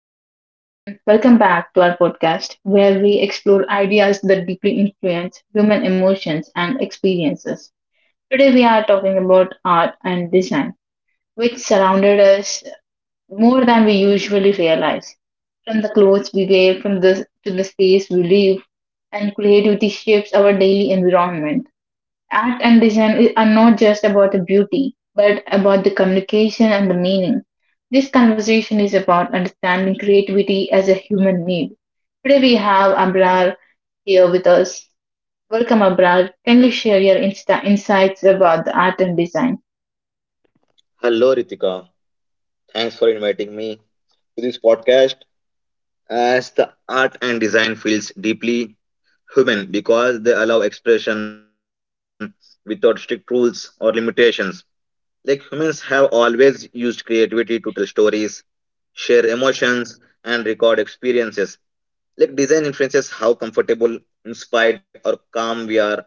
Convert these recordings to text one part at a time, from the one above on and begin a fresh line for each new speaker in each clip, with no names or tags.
Hello, everyone. Welcome back to our podcast where we explore ideas that deeply influence human emotions and experiences. Today, we are talking about art and design, which surrounded us more than we usually realize. From the clothes we wear, to the space we live, and creativity shapes our daily environment. Art and design are not just about the beauty, but about the communication and the meaning. This conversation is about understanding creativity as a human need. Today we have Abrar here with us. Welcome, Abrar. Can you share your insights about the art and design?
Hello, Ritika. Thanks for inviting me to this podcast. As the art and design feels deeply human because they allow expression without strict rules or limitations. Like humans have always used creativity to tell stories, share emotions, and record experiences. Like design influences how comfortable, inspired, or calm we are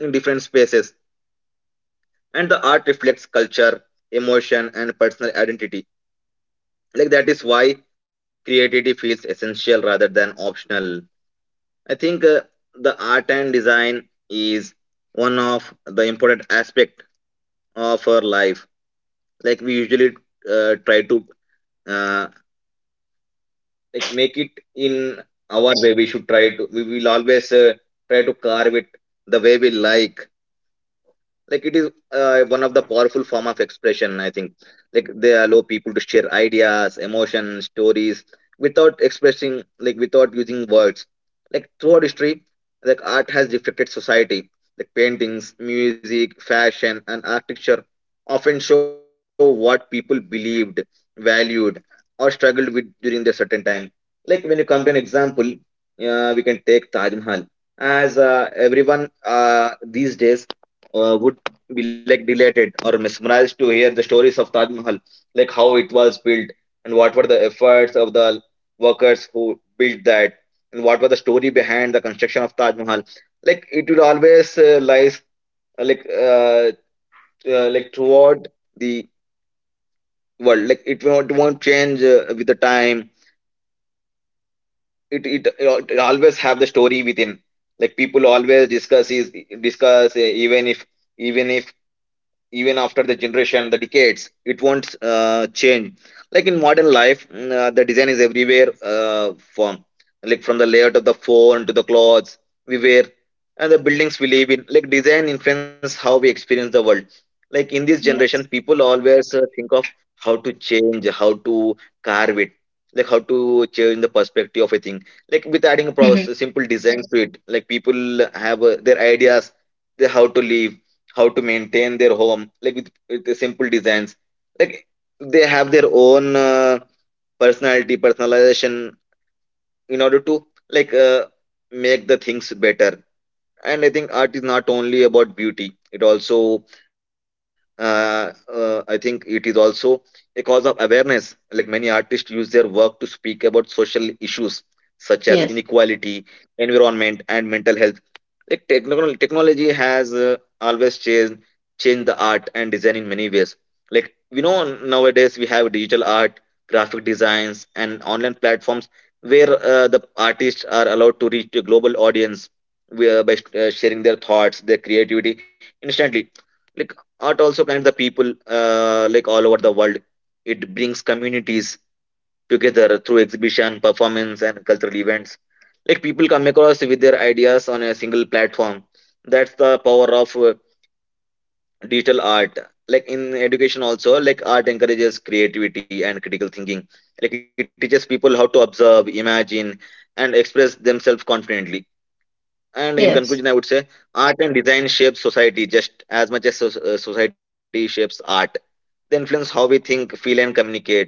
in different spaces, and the art reflects culture, emotion, and personal identity like that is why creativity feels essential rather than optional. I think the art and design is one of the important aspect of our life like we usually try to uh, like make it in our way we should try to we will always try to carve it the way we like it is one of the powerful form of expression I think, like they allow people to share ideas, emotions, stories without expressing, like without using words, like throughout history, like art has reflected society, like paintings, music, fashion and architecture often show what people believed, valued, or struggled with during their certain time. Like when you come to an example, we can take Taj Mahal as everyone uh, these days would be like delighted or mesmerized to hear the stories of Taj Mahal, like how it was built and what were the efforts of the workers who built that and what were the story behind the construction of Taj Mahal. Like it will always lies uh, like uh, throughout the world. Like it won't change with the time. It always have the story within. Like people always discuss, even if even if even after the generation, the decades it won't change. Like in modern life, the design is everywhere, from like from the layout of the phone to the clothes we wear and the buildings we live in, like design influence how we experience the world. Like in this generation
Yes.
people always think of how to change, how to carve it, like how to change the perspective of a thing, like with adding a
Hmm.
process, simple designs to it, like people have their ideas, they how to live, how to maintain their home, like with the simple designs, like they have their own personality, personalization in order to like make the things better. And I think art is not only about beauty, it also I think it is also a cause of awareness, like many artists use their work to speak about social issues such as
Yes.
inequality, environment and mental health. Like technology has always changed the art and design in many ways. Like we know nowadays we have digital art, graphic designs, and online platforms where the artists are allowed to reach a global audience by sharing their thoughts, their creativity instantly. Like art also connects the people, like all over the world. It brings communities together through exhibition, performance, and cultural events. Like people come across with their ideas on a single platform. That's the power of digital art. Like in education, also, like art encourages creativity and critical thinking. Like it teaches people how to observe, imagine, and express themselves confidently. And in
Yes.
conclusion, I would say art and design shapes society just as much as society shapes art. They influence how we think, feel, and communicate.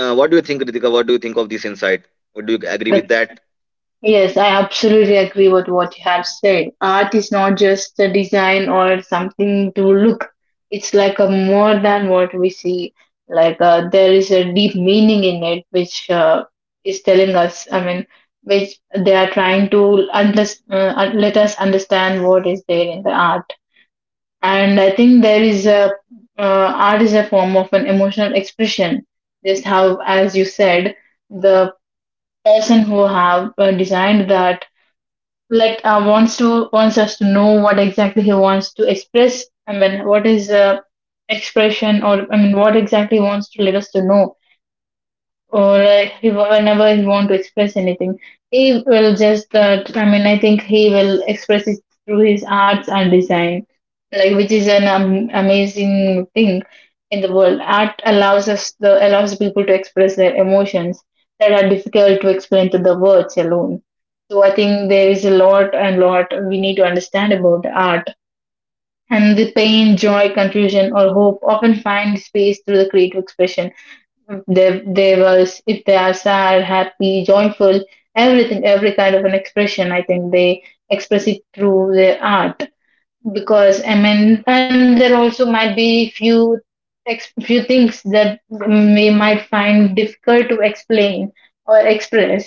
What do you think, Ritika? What do you think of this insight? Would you agree
That's...
with that?
Yes, I absolutely agree with what you have said. Art is not just a design or something to look. It's like a more than what we see. Like there is a deep meaning in it, which is telling us. I mean, which they are trying to under, let us understand what is there in the art. And I think there is a art is a form of an emotional expression. Just how, as you said, the person who have designed that, like wants to, wants us to know what exactly he wants to express. I mean, what is expression, or I mean what exactly he wants to let us to know, or whenever he want to express anything, he will just that, I mean, I think he will express it through his arts and design, like which is an amazing thing in the world. Art allows us, the allows people to express their emotions that are difficult to explain to the words alone. So I think there is a lot and lot we need to understand about the art, and the pain, joy, confusion or hope often find space through the creative expression. They they was if they are sad, happy, joyful, everything, every kind of an expression. I think they express it through their art, because I mean, and there also might be few few things that we might find difficult to explain or express,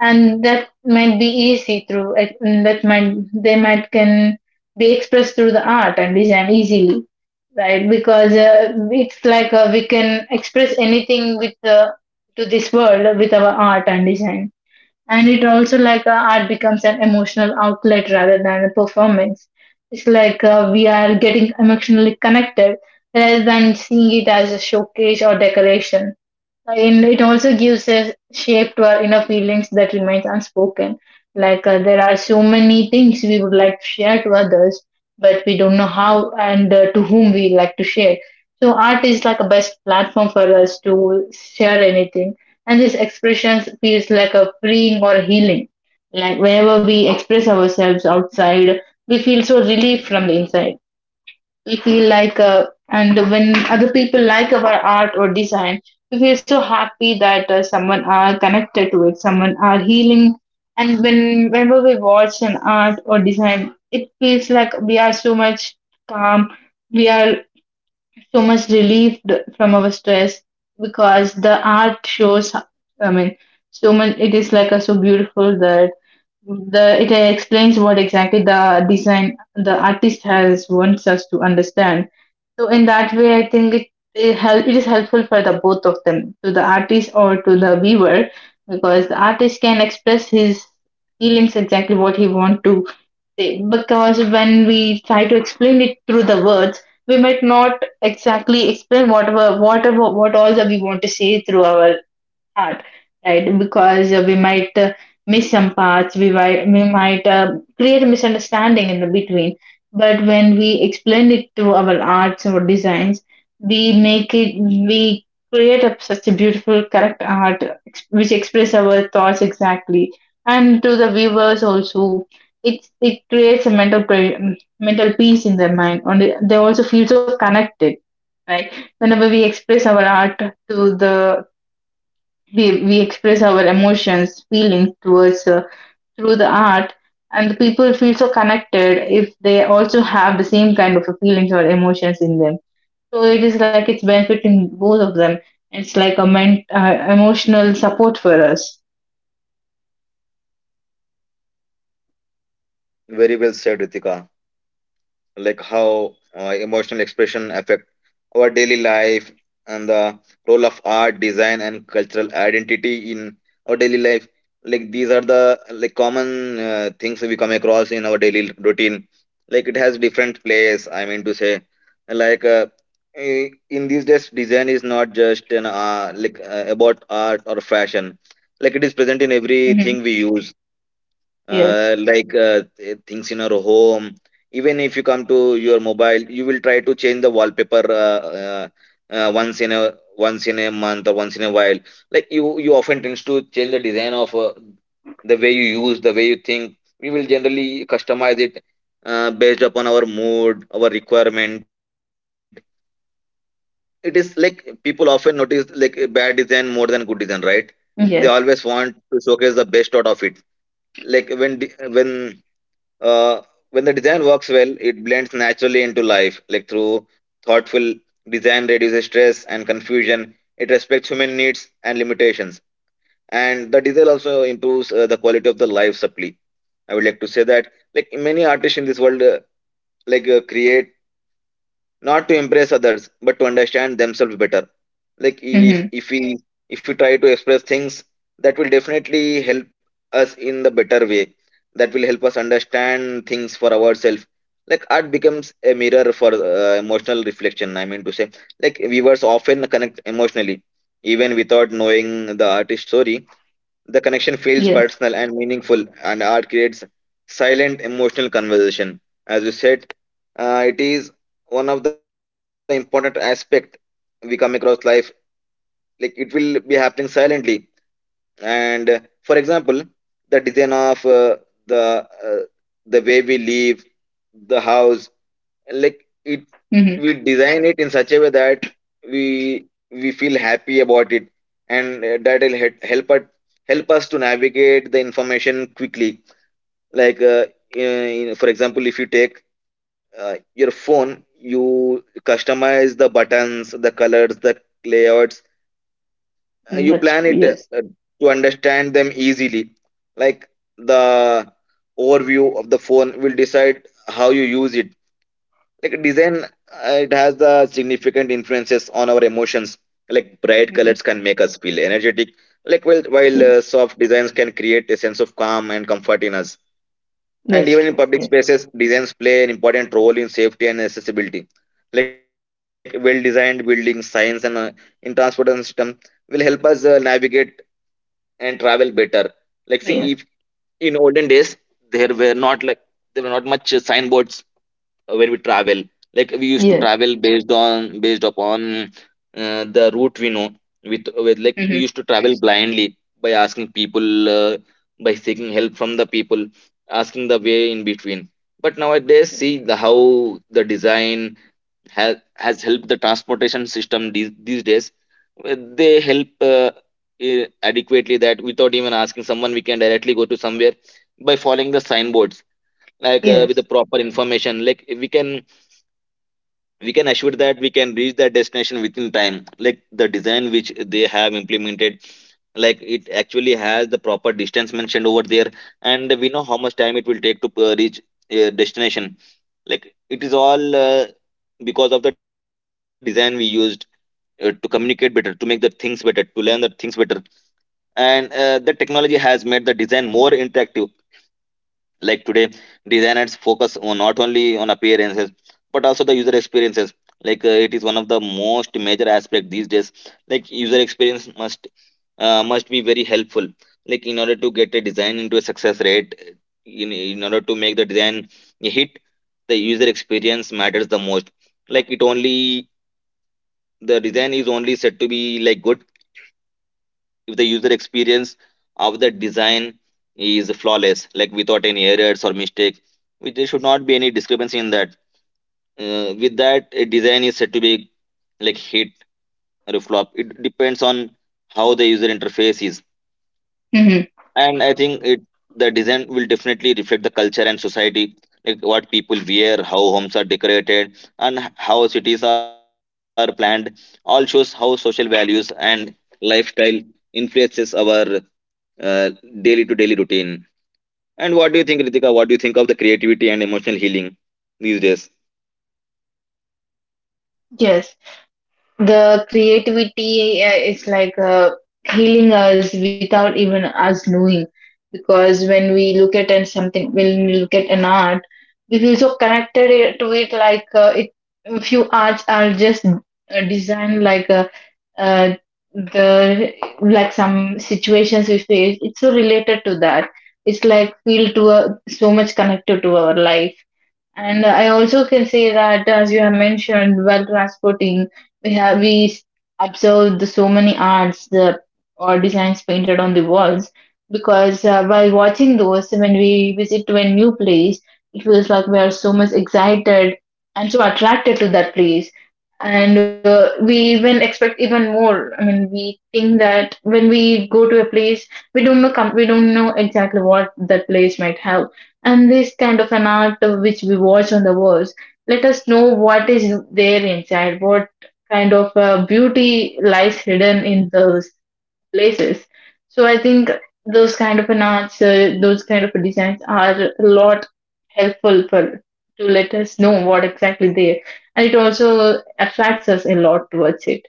and that might be easy through that, might, they might can be expressed through the art and design easily, right? Because it's like we can express anything with to this world with our art and design. And it also, like art becomes an emotional outlet rather than a performance. It's like we are getting emotionally connected rather than seeing it as a showcase or decoration. And it also gives a shape to our inner feelings that remains unspoken. Like there are so many things we would like to share to others, but we don't know how and to whom we like to share. So art is like a best platform for us to share anything, and this expression feels like a freeing or healing. Like whenever we express ourselves outside, we feel so relieved from the inside. We feel like and when other people like our art or design, we feel so happy that someone are connected to it, someone are healing. And whenever we watch an art or design, it feels like we are so much calm, we are so much relieved from our stress, because the art shows, I mean, so much. It is like a so beautiful that the it explains what exactly the design, the artist has wants us to understand. So in that way, I think it is helpful for the both of them, to the artist or to the viewer, because the artist can express his feelings exactly what he want to say. Because when we try to explain it through the words, we might not exactly explain whatever what all that we want to say through our part, right? Because we might miss some parts, we might, create a misunderstanding in the between. But when we explain it to our arts or designs, we make it, we create a such a beautiful, correct art which express our thoughts exactly, and to the viewers also. It creates a mental peace in their mind, and they also feel so connected, right? Whenever we express our art to the, we express our emotions, feelings towards through the art, and the people feel so connected if they also have the same kind of feelings or emotions in them. So it is like it's benefiting both of them. It's like a emotional support for us.
Very well said, Ritika. Like how emotional expression affect our daily life and the role of art, design and cultural identity in our daily life, like these are the like common things we come across in our daily routine, like it has different place, I mean to say, like in these days design is not just an like about art or fashion, like it is present in everything
Hmm.
we use,
Yes.
like things in your home. Even if you come to your mobile, you will try to change the wallpaper once in a month or once in a while. Like you often tends to change the design of the way you use, the way you think. We will generally customize it based upon our mood, our requirement. It is like people often notice like a bad design more than good design, right? They always
Yes.
want to showcase the best out of it. Like uh, when the design works well, it blends naturally into life, like through thoughtful design reduces stress and confusion. It respects human needs and limitations, and the design also improves the quality of the life supply. I would like to say that, like many artists in this world, like create not to impress others but to understand themselves better, like
Hmm.
if we if we try to express things that will definitely help us in the better way, that will help us understand things for ourselves. Like art becomes a mirror for emotional reflection, I mean to say, like viewers often connect emotionally even without knowing the artist's story. The connection feels
Yes.
personal and meaningful, and art creates silent emotional conversation. As you said, it is one of the important aspect we come across life, like it will be happening silently, and for example the design of the uh, the way we live the house, like it
Hmm.
we design it in such a way that we feel happy about it, and that will help us, to navigate the information quickly, like in, for example, if you take your phone, you customize the buttons, the colors, the layouts, you
That's
plan
true.
it
Yes.
to understand them easily, like the overview of the phone will decide how you use it. Like design, it has the significant influences on our emotions, like bright
Hmm.
colors can make us feel energetic, like while
Yes.
soft designs can create a sense of calm and comfort in us, and
That's
even in
true.
public
Yes.
spaces designs play an important role in safety and accessibility, like well designed buildings, science and in transportation system will help us navigate and travel better. Like, see, if
Yes.
in olden days there were not like there were not much signboards when we travel. Like we used to
Yes.
travel based upon the route we know. With Like we
Hmm.
used to travel blindly by asking people, by seeking help from the people, asking the way in between. But nowadays, see the how the design has helped the transportation system these days. They help eh, adequately that without even asking someone we can directly go to somewhere by following the signboards, like with the
Yes.
proper information, like we can assure that we can reach that destination within time. Like the design which they have implemented, like it actually has the proper distance mentioned over there, and we know how much time it will take to reach a destination, like it is all because of the design we used to communicate better, to make the things better, to learn the things better. And the technology has made the design more interactive. Like today, designers focus on not only on appearances but also the user experiences. Like it is one of the most major aspect these days. Like user experience must, must be very helpful. Like in order to get a design into a success rate, in order to make the design a hit, the user experience matters the most. Like it only the design is only said to be like good if the user experience of the design is flawless, like without any errors or mistakes, which there should not be any discrepancy in that. With that, a design is said to be like hit or a flop. It depends on how the user interface is,
Hmm.
and I think it the design will definitely reflect the culture and society, like what people wear, how homes are decorated, and how cities are planned. All shows how social values and lifestyle influences our uh, daily to daily routine. And what do you think, Ritika? What do you think of the creativity and emotional healing these days?
Yes. The creativity is like healing us without even us knowing. Because when we look at and something, when we look at an art, we feel so connected to it. Like few arts are just designed like uh, the like some situations we face. It's so related to that. It's like feel to so much connected to our life. And I also can say that, as you have mentioned, while transporting, we have we s- observed the so many arts, the or designs painted on the walls, because while watching those, when we visit to a new place, it feels like we are so much excited and so attracted to that place, and we even expect even more. I mean, we think that when we go to a place, we don't know, we don't know exactly what that place might have, and this kind of an art which we watch on the walls let us know what is there inside, what kind of beauty lies hidden in those places. So I think those kind of an arts, those kind of designs are a lot helpful for, to let us know what exactly there, and it also attracts us a lot towards it.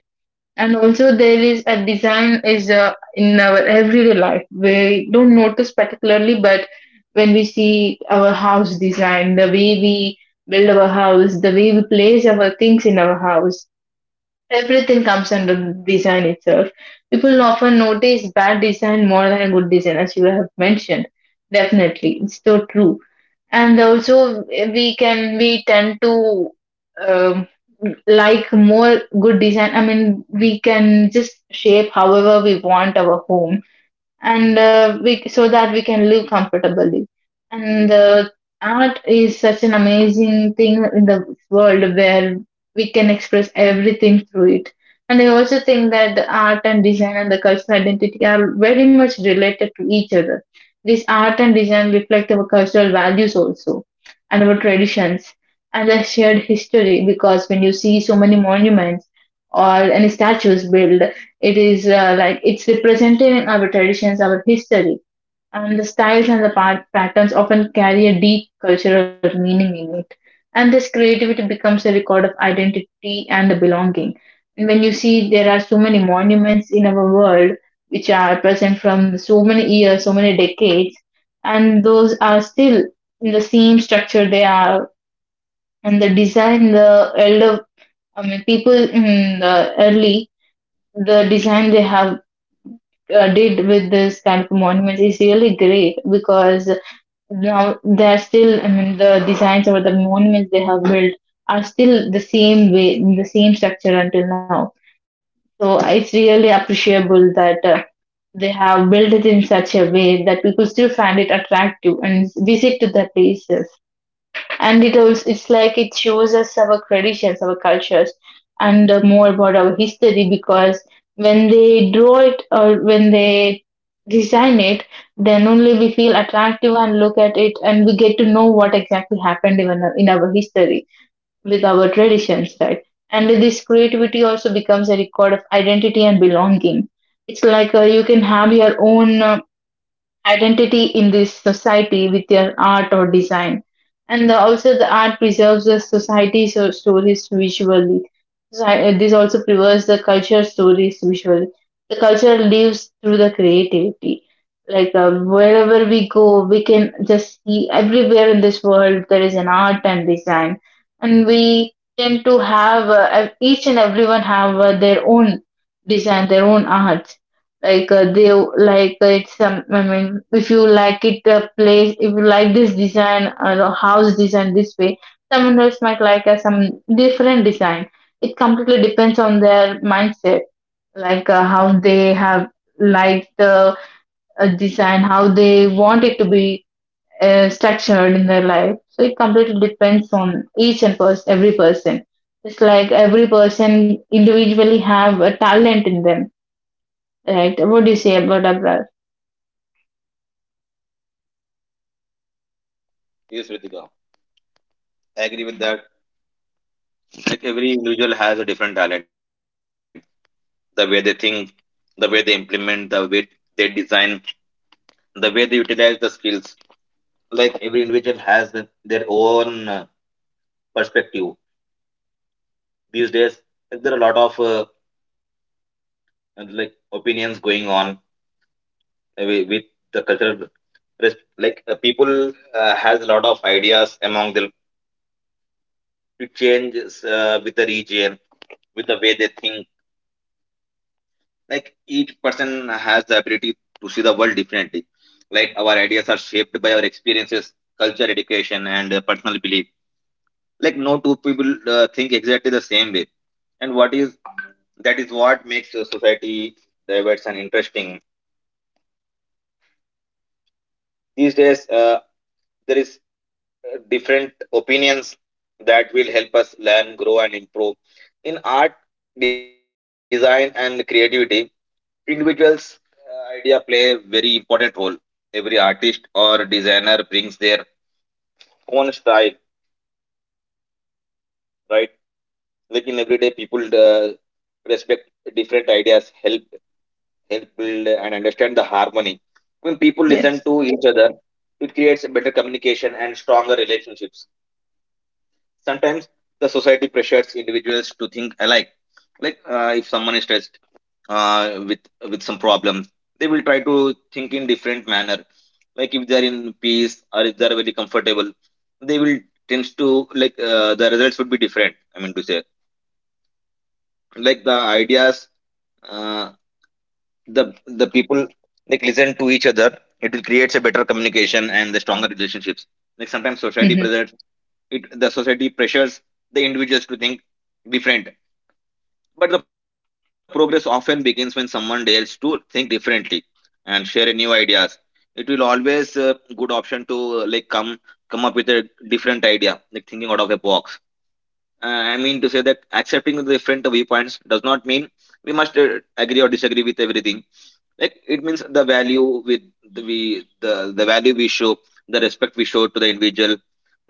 And also there is a design is in our everyday life, we don't notice particularly, but when we see our house design, the way we build our house, the way we place our things in our house, everything comes under design itself. People often notice bad design more than a good design, as you have mentioned. Definitely, it's so true. And also, we can, we tend to um, like more good design. I mean, we can just shape however we want our home, and we, so that we can live comfortably. And art is such an amazing thing in the world where we can express everything through it. And I also think that the art and design and the cultural identity are very much related to each other. This art and design reflect our cultural values also, and our traditions, and the shared history. Because when you see so many monuments or any statues built, it is like it's represented in our traditions, our history, and the styles and the patterns often carry a deep cultural meaning in it. And this creativity becomes a record of identity and the belonging. And when you see there are so many monuments in our world which are present from so many years, so many decades, and those are still in the same structure they are, and the design, the elder, I mean, people in the early, the design they have did with this kind of monuments is really great, because now they're still, I mean, the designs or the monuments they have built are still the same way, the same structure until now. So it's really appreciable that they have built it in such a way that people still find it attractive and visit to the places. And it also, it's like it shows us our traditions, our cultures, and more about our history, because when they draw it or when they design it, then only we feel attractive and look at it, and we get to know what exactly happened even in our history with our traditions, right? And this creativity also becomes a record of identity and belonging. It's like you can have your own identity in this society with their art or design. And also, the art preserves the society so stories visually. So, this also preserves the culture stories visually. The culture lives through the creativity. Like wherever we go, we can just see everywhere in this world there is an art and design, and we tend to have each and everyone have their own design, their own art. Like they like it's some, I mean, if you like it, place. If you like this design or the house design this way, someone else might like some different design. It completely depends on their mindset, how they have liked the design, how they want it to be structured in their life. So it completely depends on every person. It's like every person individually have a talent in them, right? What do you say about that, Abrar?
Yes, Ritika. I agree with that. Like every individual has a different talent. The way they think, the way they implement, the way they design, the way they utilize the skills. Like every individual has their own perspective. These days, like, there are a lot of like opinions going on with the cultural. Like people has a lot of ideas among them. It changes with the region, with the way they think. Like each person has the ability to see the world differently. Like our ideas are shaped by our experiences, culture, education, and personal belief. Like no two people think exactly the same way. And what is that is what makes society diverse and interesting. These days, there is different opinions that will help us learn, grow, and improve in art, design, and creativity. Individuals idea play a very important role. Every artist or designer brings their own style, right? Like in everyday people, uh, respect different ideas help, build and understand the harmony. When people listen
Yes.
to each other, it creates a better communication and stronger relationships. Sometimes the society pressures individuals to think alike. Like if someone is stressed with some problems, they will try to think in different manner. Like if they are in peace or if they are very comfortable, they will tends to like, the results would be different, I mean to say. Like the ideas, uh, the the people like listen to each other, it will creates a better communication and the stronger relationships. Like sometimes society
Mhm,
pressures, it the society pressures the individuals to think different. But the progress often begins when someone dares to think differently, and sharing new ideas, it will always good option to like come, come up with a different idea, like thinking out of a box. I mean to say that accepting the different viewpoints does not mean we must agree or disagree with everything. Like it means the value with the value we show, the respect we show to the individual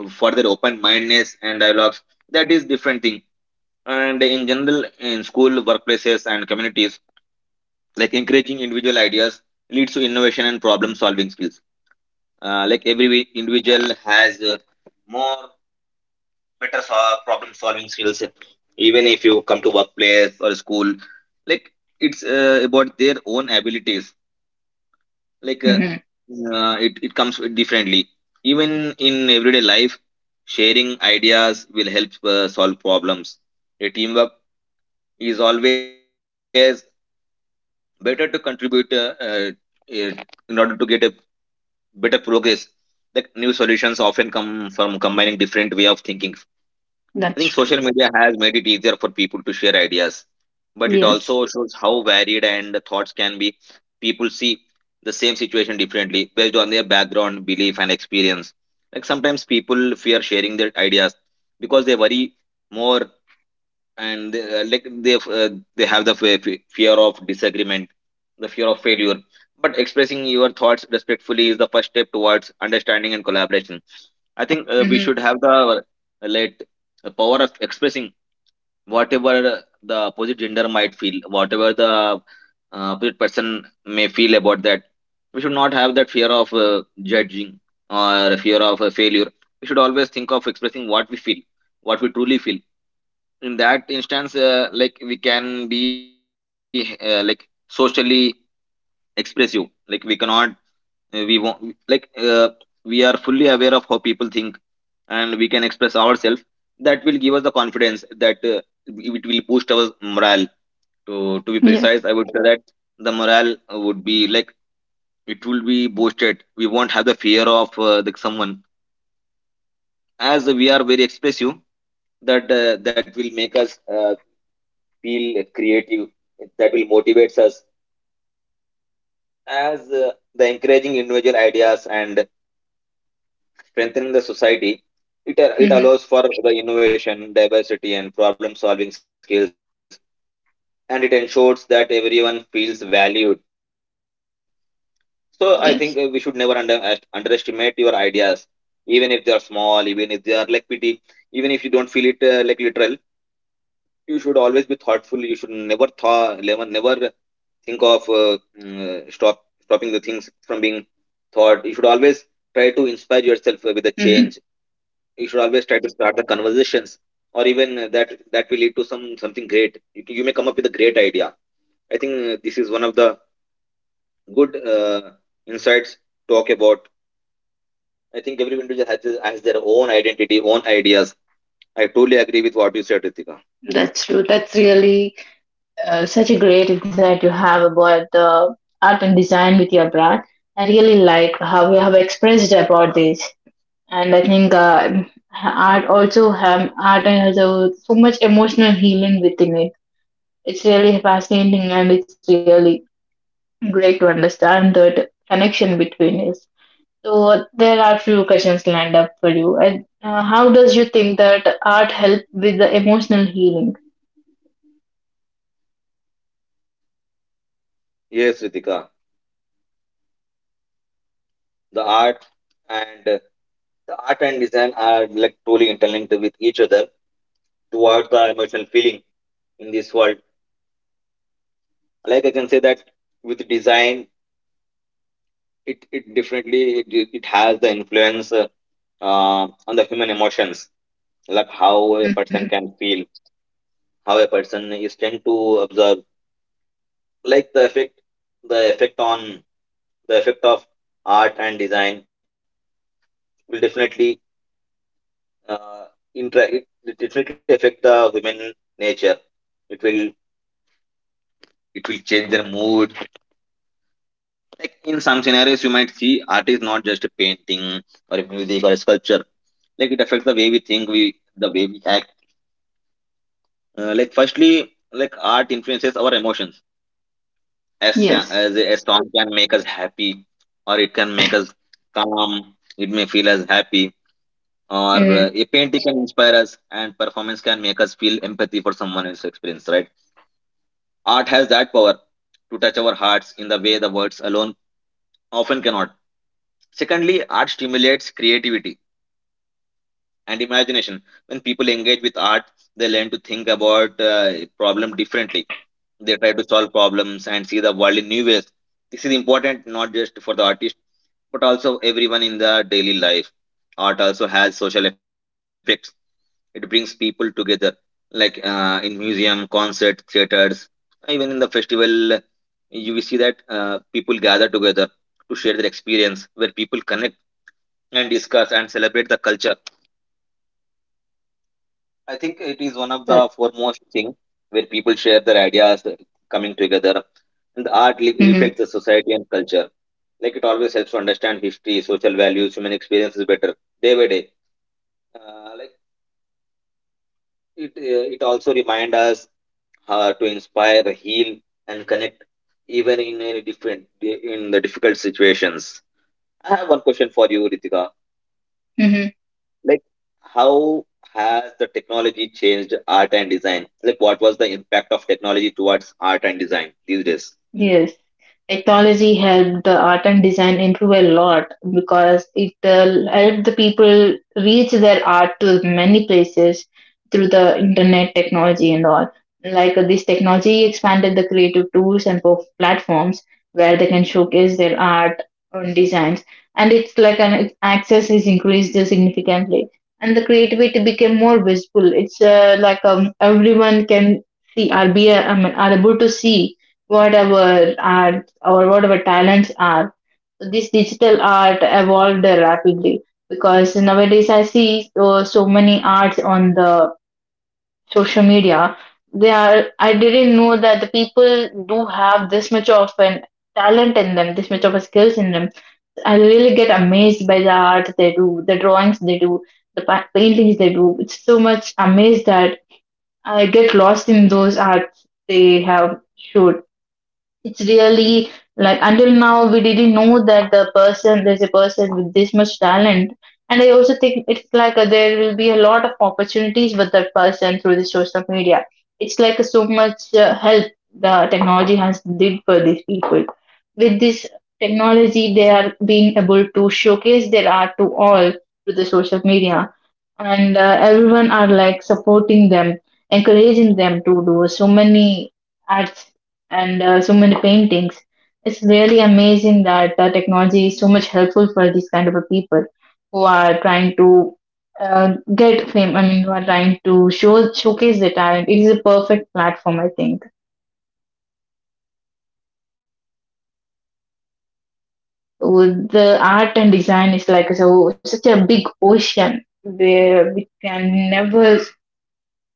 for their open mindedness and dialogues. That is different thing. And in general, in school, workplaces, and communities, like encouraging individual ideas leads to innovation and problem solving skills. Like every individual has more better problem solving skills. Even if you come to workplace or school, like it's about their own abilities. like uh,
mhm.
it, comes differently. Even in everyday life, sharing ideas will help solve problems. A teamwork is always better to contribute, in order to get a better progress. Like new solutions often come from combining different way of thinking. I think
That's
social
true.
media has made it easier for people to share ideas, but it
Yes.
also shows how varied and the thoughts can be. People see the same situation differently based on their background belief and experience. Like sometimes people fear sharing their ideas because they worry more. And they have the fear of disagreement, the fear of failure. But expressing your thoughts respectfully is the first step towards understanding and collaboration. I think we
Mhm.
should have the, let the power of expressing whatever the opposite gender might feel, whatever the opposite person may feel about that. We should not have that fear of judging or fear of failure. We should always think of expressing what we feel, what we truly feel. In that instance, like we can be, like socially expressive. like we cannot we won't we are fully aware of how people think, and we can express ourselves. That will give us the confidence that, it will boost our morale. To be
Yes.
precise, I would say that the morale would be like, it will be boosted. We won't have the fear of the someone, as we are very expressive. That that will make us feel creative. That will motivates us. As the encouraging individual ideas and strengthening the society, it, it
Mhm.
allows for the innovation diversity and problem solving skills, and it ensures that everyone feels valued. So I think
Yes.
we should never underestimate your ideas, even if they are small, even if they are like pity, even if you don't feel it like literal. You should always be thoughtful. You should never thaw, never never think of stop, stopping the things from being thought. You should always try to inspire yourself with a
Mhm.
change. You should always try to start the conversations, or even that will lead to some something great. You may come up with a great idea. I think this is one of the good insights to talk about. I think every individual has, has their own identity, own ideas. I totally agree with what you said, Ritika.
That's true. That's really such a great insight you have about the art and design with your brand. I really like how you have expressed about this, and I think art also have art has a, so much emotional healing within it. It's really fascinating, and it's really great to understand that connection between us. So there are few questions lined up for you. And how does you think that art help with the emotional healing?
Yes, Ritika. the art and uh, the art and design are like totally interlinked with each other towards the emotional feeling in this world. Like I can say that with design, it definitely, it has the influence, on the human emotions, like
Hmm.
how a person can feel, how a person is tend to observe, like the effect, the effect on the effect of art and design will definitely uh, it, it definitely affect the women nature. It will, change their mood. Like in some scenarios, you might see art is not just a painting or a music or a sculpture. Like it affects the way we think, we the way we act. Like firstly, like art influences our emotions.
Yes.
A song can make us happy, or it can make us calm. It may feel us happy, or
Mm-hmm.
a painting can inspire us, and performance can make us feel empathy for someone else's experience, right? Art has that power to touch our hearts in the way the words alone often cannot. Secondly, art stimulates creativity and imagination. When people engage with art, they learn to think about problem differently. They try to solve problems and see the world in new ways. This is important not just for the artist but also everyone in the daily life. Art also has social effects. It brings people together, like in museum, concert, theaters, even in the festival. You will see that people gather together to share their experience, where people connect and discuss and celebrate the culture. I think it is one of
Right.
the foremost thing where people share their ideas, coming together. And the
Mm-hmm.
reflects the society and culture. Like it always helps to understand history, social values, human experiences better day by day. Like it, it also reminds us to inspire, heal, and connect, even in any different in the difficult situations. I have one question for you, Ritika. Like how has the technology changed art and design? Like what was the impact of technology towards art and design these days?
Yes, technology helped the art and design improve a lot because it helped the people reach their art to many places through the internet technology and all. This technology expanded the creative tools and platforms where they can showcase their art and designs, and it's like an access is increased significantly, and the creativity became more visible. It's like everyone can I mean, are able to see whatever art or whatever talents are. This digital art evolved rapidly because nowadays I see so many arts on the social media. They are, I didn't know that the people do have this much of an talent in them, this much of a skills in them. I really get amazed by the art they do, the drawings they do, the paintings they do. It's so much amazed that I get lost in those arts they have showed. It's really like until now we didn't know that there's a person with this much talent. And I also think it's like there will be a lot of opportunities with that person through the social media. It's like so much help the technology has did for these people. With this technology, they are being able to showcase their art to all through the social media, and everyone are like supporting them, encouraging them to do so many arts and so many paintings. It's really amazing that technology is so much helpful for these kind of a people who are trying to get fame. I mean, who are trying to showcase their talent. It is a perfect platform, I think. With the art and design is like so such a big ocean where we can never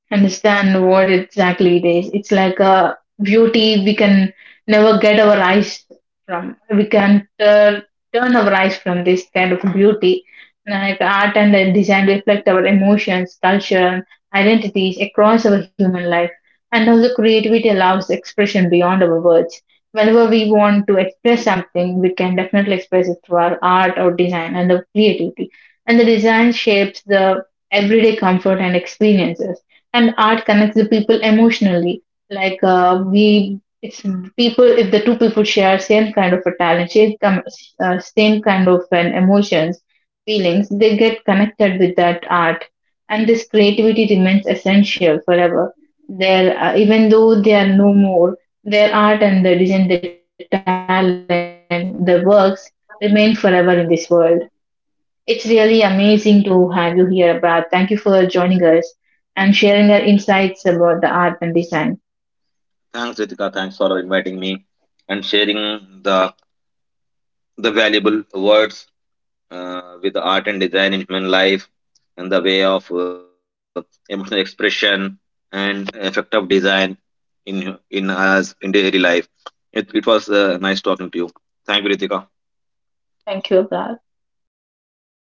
understand what exactly it is. It's like a beauty we can never get our eyes from. We can turn our eyes from this kind of beauty. Like art and design reflect our emotions, culture, and identities across our human life. And also, creativity allows expression beyond our words. Whenever we want to express something, we can definitely express it through our art or design and the creativity. And the design shapes the everyday comfort and experiences, and art connects the people emotionally. Like we it's People, if the two people share same kind of a talent, same kind of an emotions, feelings, they get connected with that art. And this creativity remains essential forever. There Even though they are no more, their art and their design, the talent, the works remain forever in this world. It's really amazing to have you here, Brad. Thank you for joining us and sharing your insights about the art and design.
Thanks, Ritika. Thanks for inviting me and sharing the the valuable words with the art and design in human life, and the way of emotional expression and effect of design in in us in daily life. It was nice talking to you. Thank you, Ritika.
Thank you, Brad.